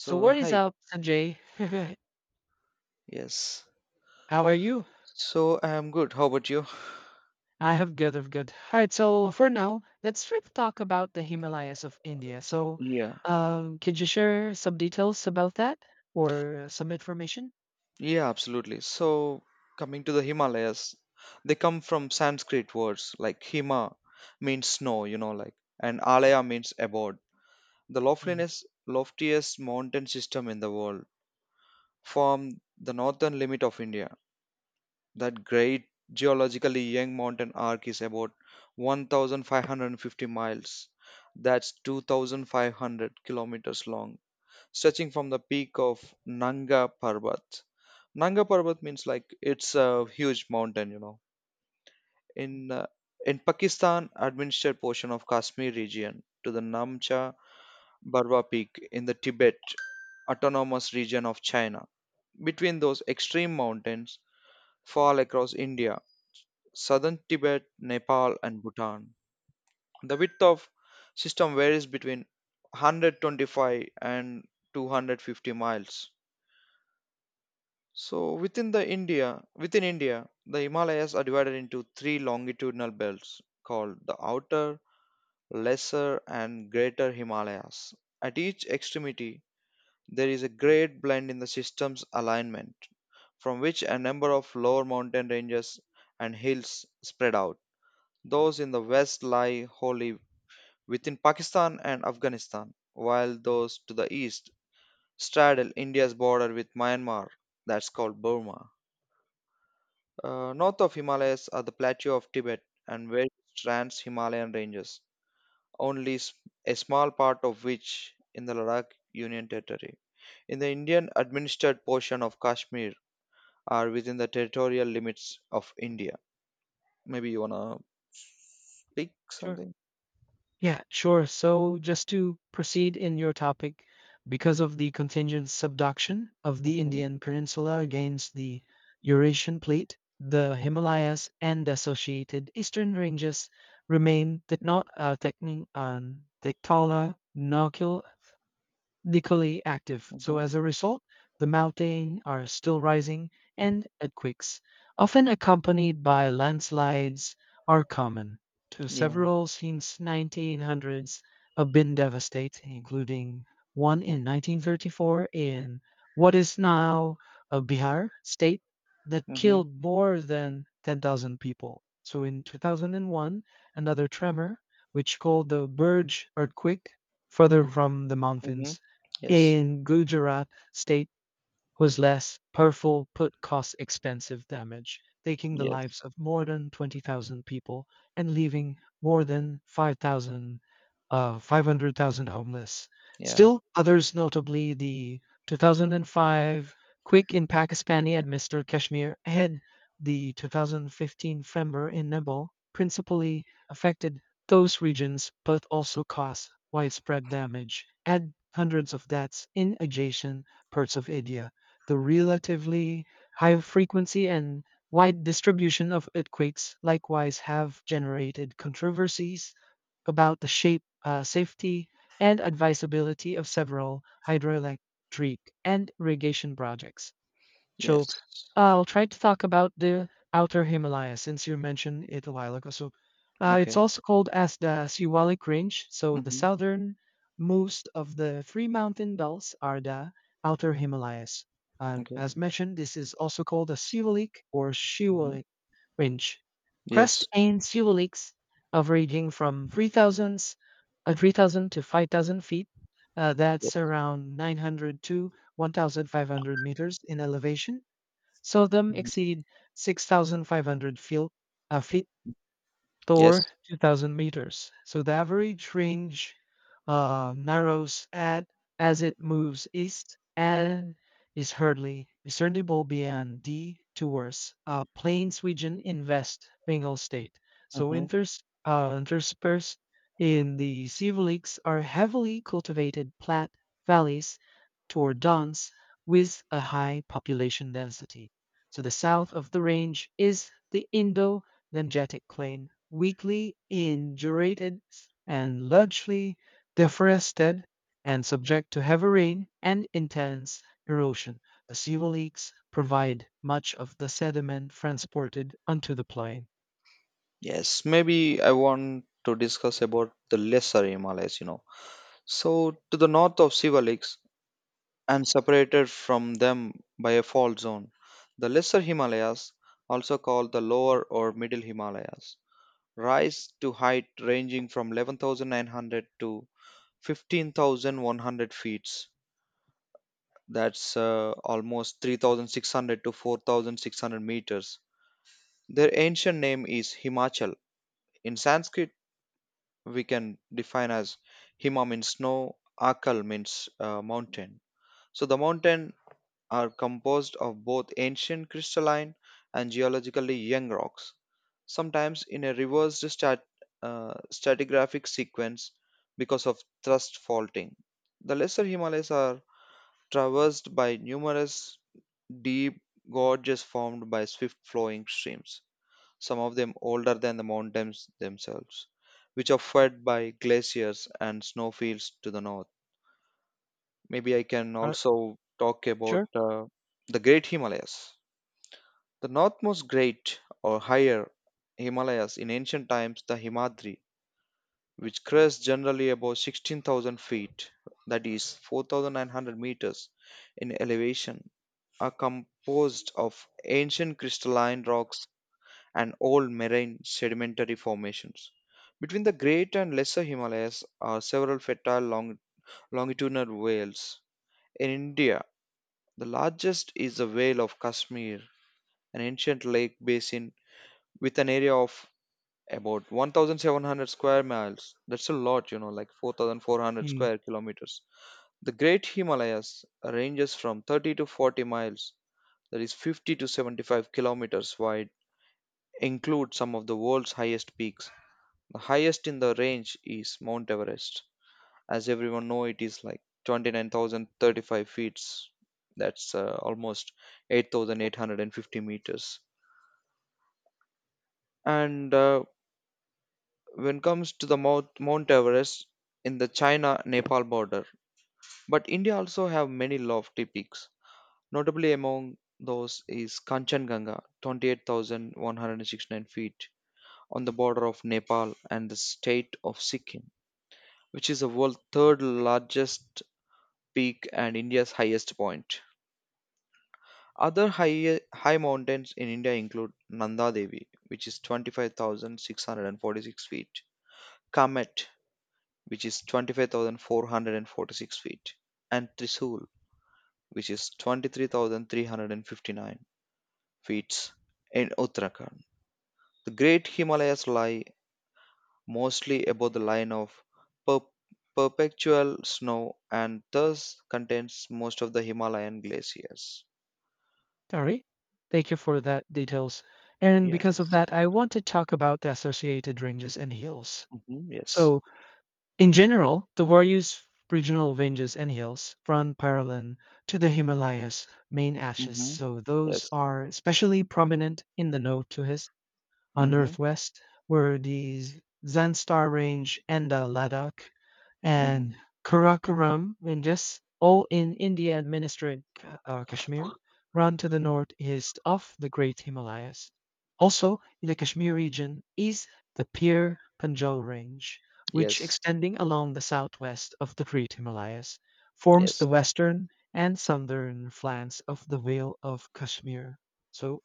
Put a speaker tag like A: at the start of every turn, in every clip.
A: So what is
B: hi.
A: up, Sanjay?
B: Yes.
A: How are you?
B: So, I am good. How about you?
A: I have good, of good. All right, so for now, let's try to talk about the Himalayas of India.
B: Yeah.
A: Could you share some details about that or some information?
B: Yeah, absolutely. So, coming to the Himalayas, they come from Sanskrit words like Hima means snow, like, and Alaya means abode. The
A: Mm,
B: loftiest mountain system in the world form the northern limit of India. That great geologically young mountain arc is about 1,550 miles. That's 2,500 kilometers long stretching from the peak of Nanga Parbat. Nanga Parbat means like it's a huge mountain.
A: mm,
B: In uh, in Pakistan, administered portion of Kashmir region to the Namcha Barwa Peak in the Tibet Autonomous Region of China. Between those extreme mountains, fall across India, southern Tibet, Nepal, and Bhutan. The width of system varies between 125 and 250 miles. So within India, the Himalayas are divided into three longitudinal belts called the Outer, Lesser, and Greater Himalayas. At each extremity, there is a great blend in the system's alignment, from which a number of lower mountain ranges and hills spread out. Those in the west lie wholly within Pakistan and Afghanistan, while those to the east straddle India's border with Myanmar, that's called Burma. North of Himalayas are the plateau of Tibet and west trans Himalayan ranges, only a small part of which in the Ladakh Union Territory. In the Indian administered portion of Kashmir are within the territorial limits of India. Maybe you wanna speak
A: Sure.
B: something?
A: Yeah, sure. So just to proceed in your topic, because of the contingent subduction of the
B: Hmm.
A: Indian Peninsula against the Eurasian plate, the Himalayas and associated eastern ranges remain tectonic, equally active, so
B: Hmm.
A: as a result, the mountains are still rising and earthquakes, often accompanied by landslides, are common. To
B: Yeah.
A: several since 1900s have been devastating, including one in 1934 in what is now Bihar state that
B: Hmm.
A: killed more than 10,000 people. So in 2001, another tremor, which called the Burj earthquake, further from the
B: Hmm.
A: mountains
B: Yes.
A: in Gujarat state was less powerful but caused expensive damage, taking the
B: Yes.
A: lives of more than 20,000 people and leaving more than 500,000 homeless.
B: Yeah.
A: Still, others, notably the 2005 quake in Pakistani administered Kashmir and the 2015 Frember in Nepal, principally affected those regions but also caused widespread damage and hundreds of deaths in adjacent parts of India. The relatively high frequency and wide distribution of earthquakes likewise have generated controversies about the safety, and advisability of several hydroelectric and irrigation projects. So
B: Yes.
A: I'll try to talk about the Outer Himalaya since you mentioned it a while ago. It's
B: Okay.
A: also called as the Siwalik Range. So the
B: Hmm.
A: southern most of the three mountain belts are the Outer Himalayas.
B: Okay.
A: As mentioned, this is also called a Siwalik or
B: Hmm.
A: Shiwalik Range. Crest
B: Yes.
A: and Siwaliks of ranging from 3,000 to 5,000 feet. That's
B: Yes.
A: around 900 to 1,500 meters in elevation, seldom
B: Hmm.
A: exceed 6,500 feel- uh, feet
B: Yes.
A: or 2,000 meters. So the average range narrows at as it moves east and is hardly discernible beyond the towards Plains region in West Bengal state. So
B: Mm-hmm.
A: winters interspersed in the Sivaliks are heavily cultivated flat valleys toward downs with a high population density. To the south of the range is the Indo Lymphatic Plain, weakly indurated and largely deforested and subject to heavy rain and intense erosion. The sewer leaks provide much of the sediment transported onto the plain.
B: Yes, maybe I want to discuss about the lesser Himalayas. So, to the north of Sivalaks and separated from them by a fault zone, the lesser Himalayas, also called the lower or middle Himalayas, rise to height ranging from 11,900 to 15,100 feet. That's almost 3,600 to 4,600 meters. Their ancient name is Himachal. In Sanskrit, we can define as Hima means snow, Akal means mountain. So the mountain are composed of both ancient crystalline and geologically young rocks, sometimes in a reversed stratigraphic sequence because of thrust faulting. The lesser Himalayas are traversed by numerous deep gorges formed by swift flowing streams some of them older than the mountains themselves, which are fed by glaciers and snowfields to the north. Maybe I can
A: Are
B: also talk about
A: sure?
B: the Great Himalayas. The northmost great or higher Himalayas in ancient times, the Himadri, which crests generally about 16,000 feet, that is 4,900 meters in elevation, are composed of ancient crystalline rocks and old marine sedimentary formations. Between the Great and Lesser Himalayas are several fertile longitudinal vales. In India, the largest is the Vale of Kashmir, an ancient lake basin with an area of about 1,700 square miles. That's a lot, like 4,400
A: Mm,
B: square kilometers. The Great Himalayas ranges from 30 to 40 miles, that is 50 to 75 kilometers wide, include some of the world's highest peaks. The highest in the range is Mount Everest. As everyone know, it is like 29,035 feet. That's almost 8,850 meters. And when comes to Mount Everest in the China-Nepal border, but India also have many lofty peaks. Notably among those is Kanchenjunga, 28,169 feet on the border of Nepal and the state of Sikkim, which is the world's third largest peak and India's highest point. Other high mountains in India include Nanda Devi, which is 25,646 feet, Kamet, which is 25,446 feet, and Trisul, which is 23,359 feet in Uttarakhand. The Great Himalayas lie mostly above the line of per- perpetual snow and thus contains most of the Himalayan glaciers.
A: sorry. Thank you for that details. And because of
B: Yes.
A: that, I want to talk about the associated ranges and hills.
B: Mhm, yes.
A: So in general, the Warrior's regional ranges and hills run parallel to the Himalayas' main axis,
B: Mhm.
A: so those
B: Yes.
A: are especially prominent in the node to his on the
B: Mhm.
A: northwest were the Zanstar Range and the Ladakh
B: Mhm.
A: and Karakoram Ranges, all in India administered Kashmir, run to the northeast of the Great Himalayas. Also, in the Kashmir region is the Pir Panjal Range, which
B: Yes.
A: extending along the southwest of the Great Himalayas, forms the
B: Yes.
A: western and southern flanks of the Vale of Kashmir. So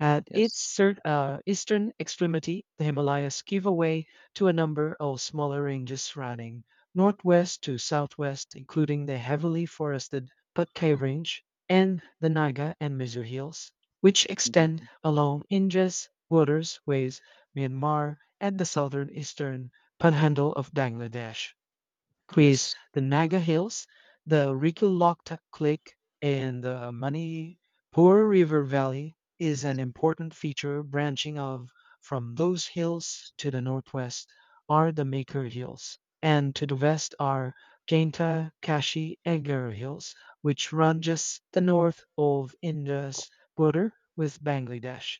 A: at its
B: Yes.
A: eastern extremity, the Himalayas give away to a number of smaller ranges running northwest to southwest, including the heavily forested Patkai Range and the Naga and Mizu Hills, which
B: Mhm.
A: extend along India's borders with Myanmar and the southern eastern panhandle of Bangladesh. Quiz:
B: Yes.
A: the Naga Hills, the Rikilochta Cliff, and the Manipur River Valley is an important feature branching off from those hills to the northwest are the Maker Hills, and to the west are Jainta Kashi Egar Hills, which run just the north of India's border with Bangladesh.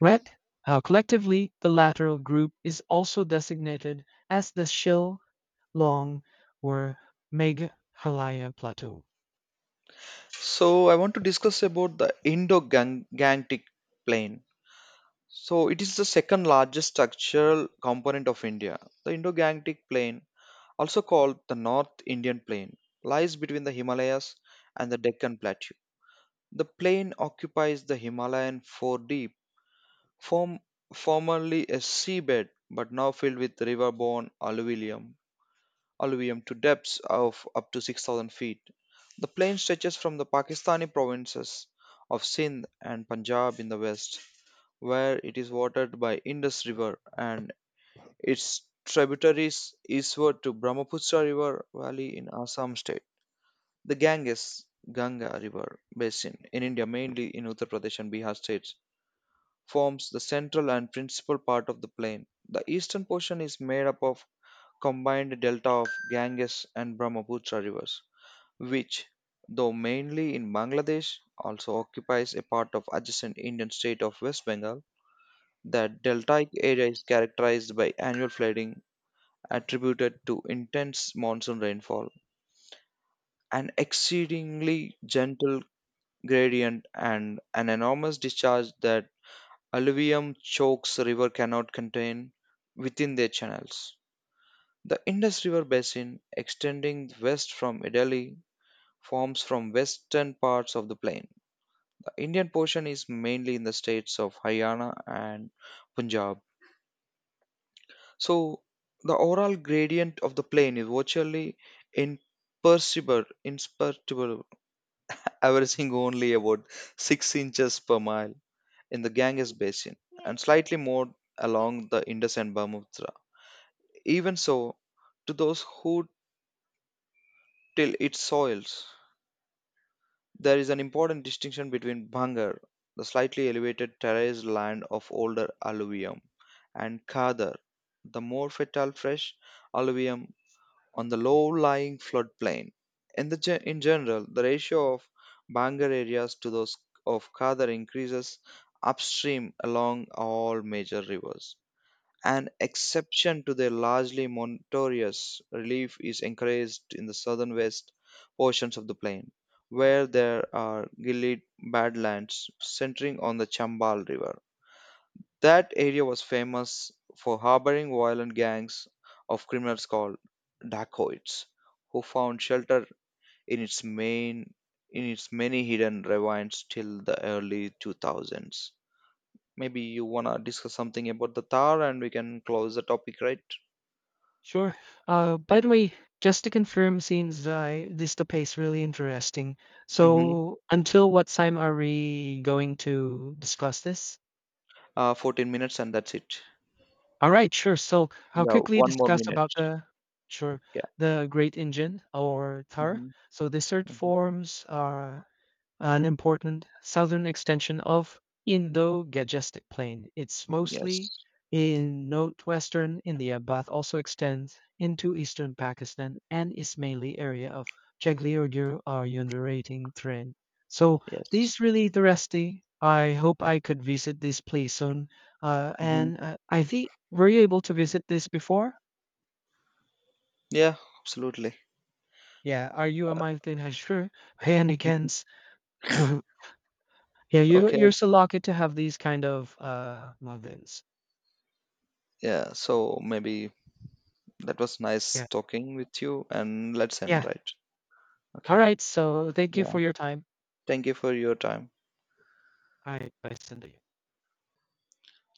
A: Red, Collectively, the lateral group is also designated as the Shil long or Meghalaya Plateau.
B: So I want to discuss about the Indo-Gangetic Plain. So it is the second largest structural component of India. The Indo-Gangetic Plain, also called the North Indian Plain, lies between the Himalayas and the Deccan Plateau. The plain occupies the Himalayan four deep, form, formerly a seabed but now filled with river-borne alluvium to depths of up to 6,000 feet. The plain stretches from the Pakistani provinces of Sindh and Punjab in the west, where it is watered by Indus River and its tributaries eastward to Brahmaputra River valley in Assam state. The Ganges Ganga River basin in India, mainly in Uttar Pradesh and Bihar states, forms the central and principal part of the plain. The eastern portion is made up of combined delta of Ganges and Brahmaputra rivers which, though mainly in Bangladesh, also occupies a part of adjacent Indian state of West Bengal. The deltaic area is characterized by annual flooding attributed to intense monsoon rainfall, an exceedingly gentle gradient, and an enormous discharge that alluvium chokes river cannot contain within their channels. The Indus River basin, extending west from Delhi, forms from western parts of the plain Indian portion is mainly in the states of Haryana and Punjab. So the overall gradient of the plane is virtually imperceptible, averaging only about 6 inches per mile in the Ganges basin and slightly more along the Indus and Brahmaputra. Even so, to those who till its soils, there is an important distinction between Bhangar, the slightly elevated terraced land of older alluvium, and Khadar, the more fertile fresh alluvium on the low-lying floodplain. In general, the ratio of Bhangar areas to those of Khadar increases upstream along all major rivers. An exception to their largely monotonous relief is encouraged in the southern west portions of the plain, where there are gilded badlands centering on the Chambal River. That area was famous for harboring violent gangs of criminals called dacoits, who found shelter in its main in its many hidden ravines till the early 2000s. Maybe you wanna discuss something about the Thar, and we can close the topic, right?
A: Sure. By the way, just to confirm, since this topic is really interesting,
B: Mhm.
A: so until what time are we going to discuss this?
B: 14 minutes and that's it.
A: All right, sure. So I'll
B: Yeah,
A: quickly
B: one more
A: discuss
B: minute.
A: about sure
B: Yeah.
A: the Great Engine or Thar.
B: Hmm.
A: So the third
B: Hmm.
A: forms are an important southern extension of Indo-Gangetic Plain. It's
B: Yes.
A: mostly in northwestern India but also extends into eastern Pakistan and Ismaili area of Chagli-Urdu are undulating terrain. So
B: Yes.
A: this really interesting. I hope I could visit this place soon.
B: Hmm.
A: And I think were you able to visit this before?
B: Yeah, absolutely.
A: Yeah, are you a mountain hiker by any chance? Yeah, you're
B: Okay.
A: so lucky to have these kind of moments.
B: Yeah. So maybe that was nice
A: Yeah.
B: talking with you and let's end,
A: Yeah.
B: right?
A: All
B: Okay.
A: right. So thank you
B: Yeah.
A: for your time.
B: Thank you for your time.
A: All right, bye, Sanjay.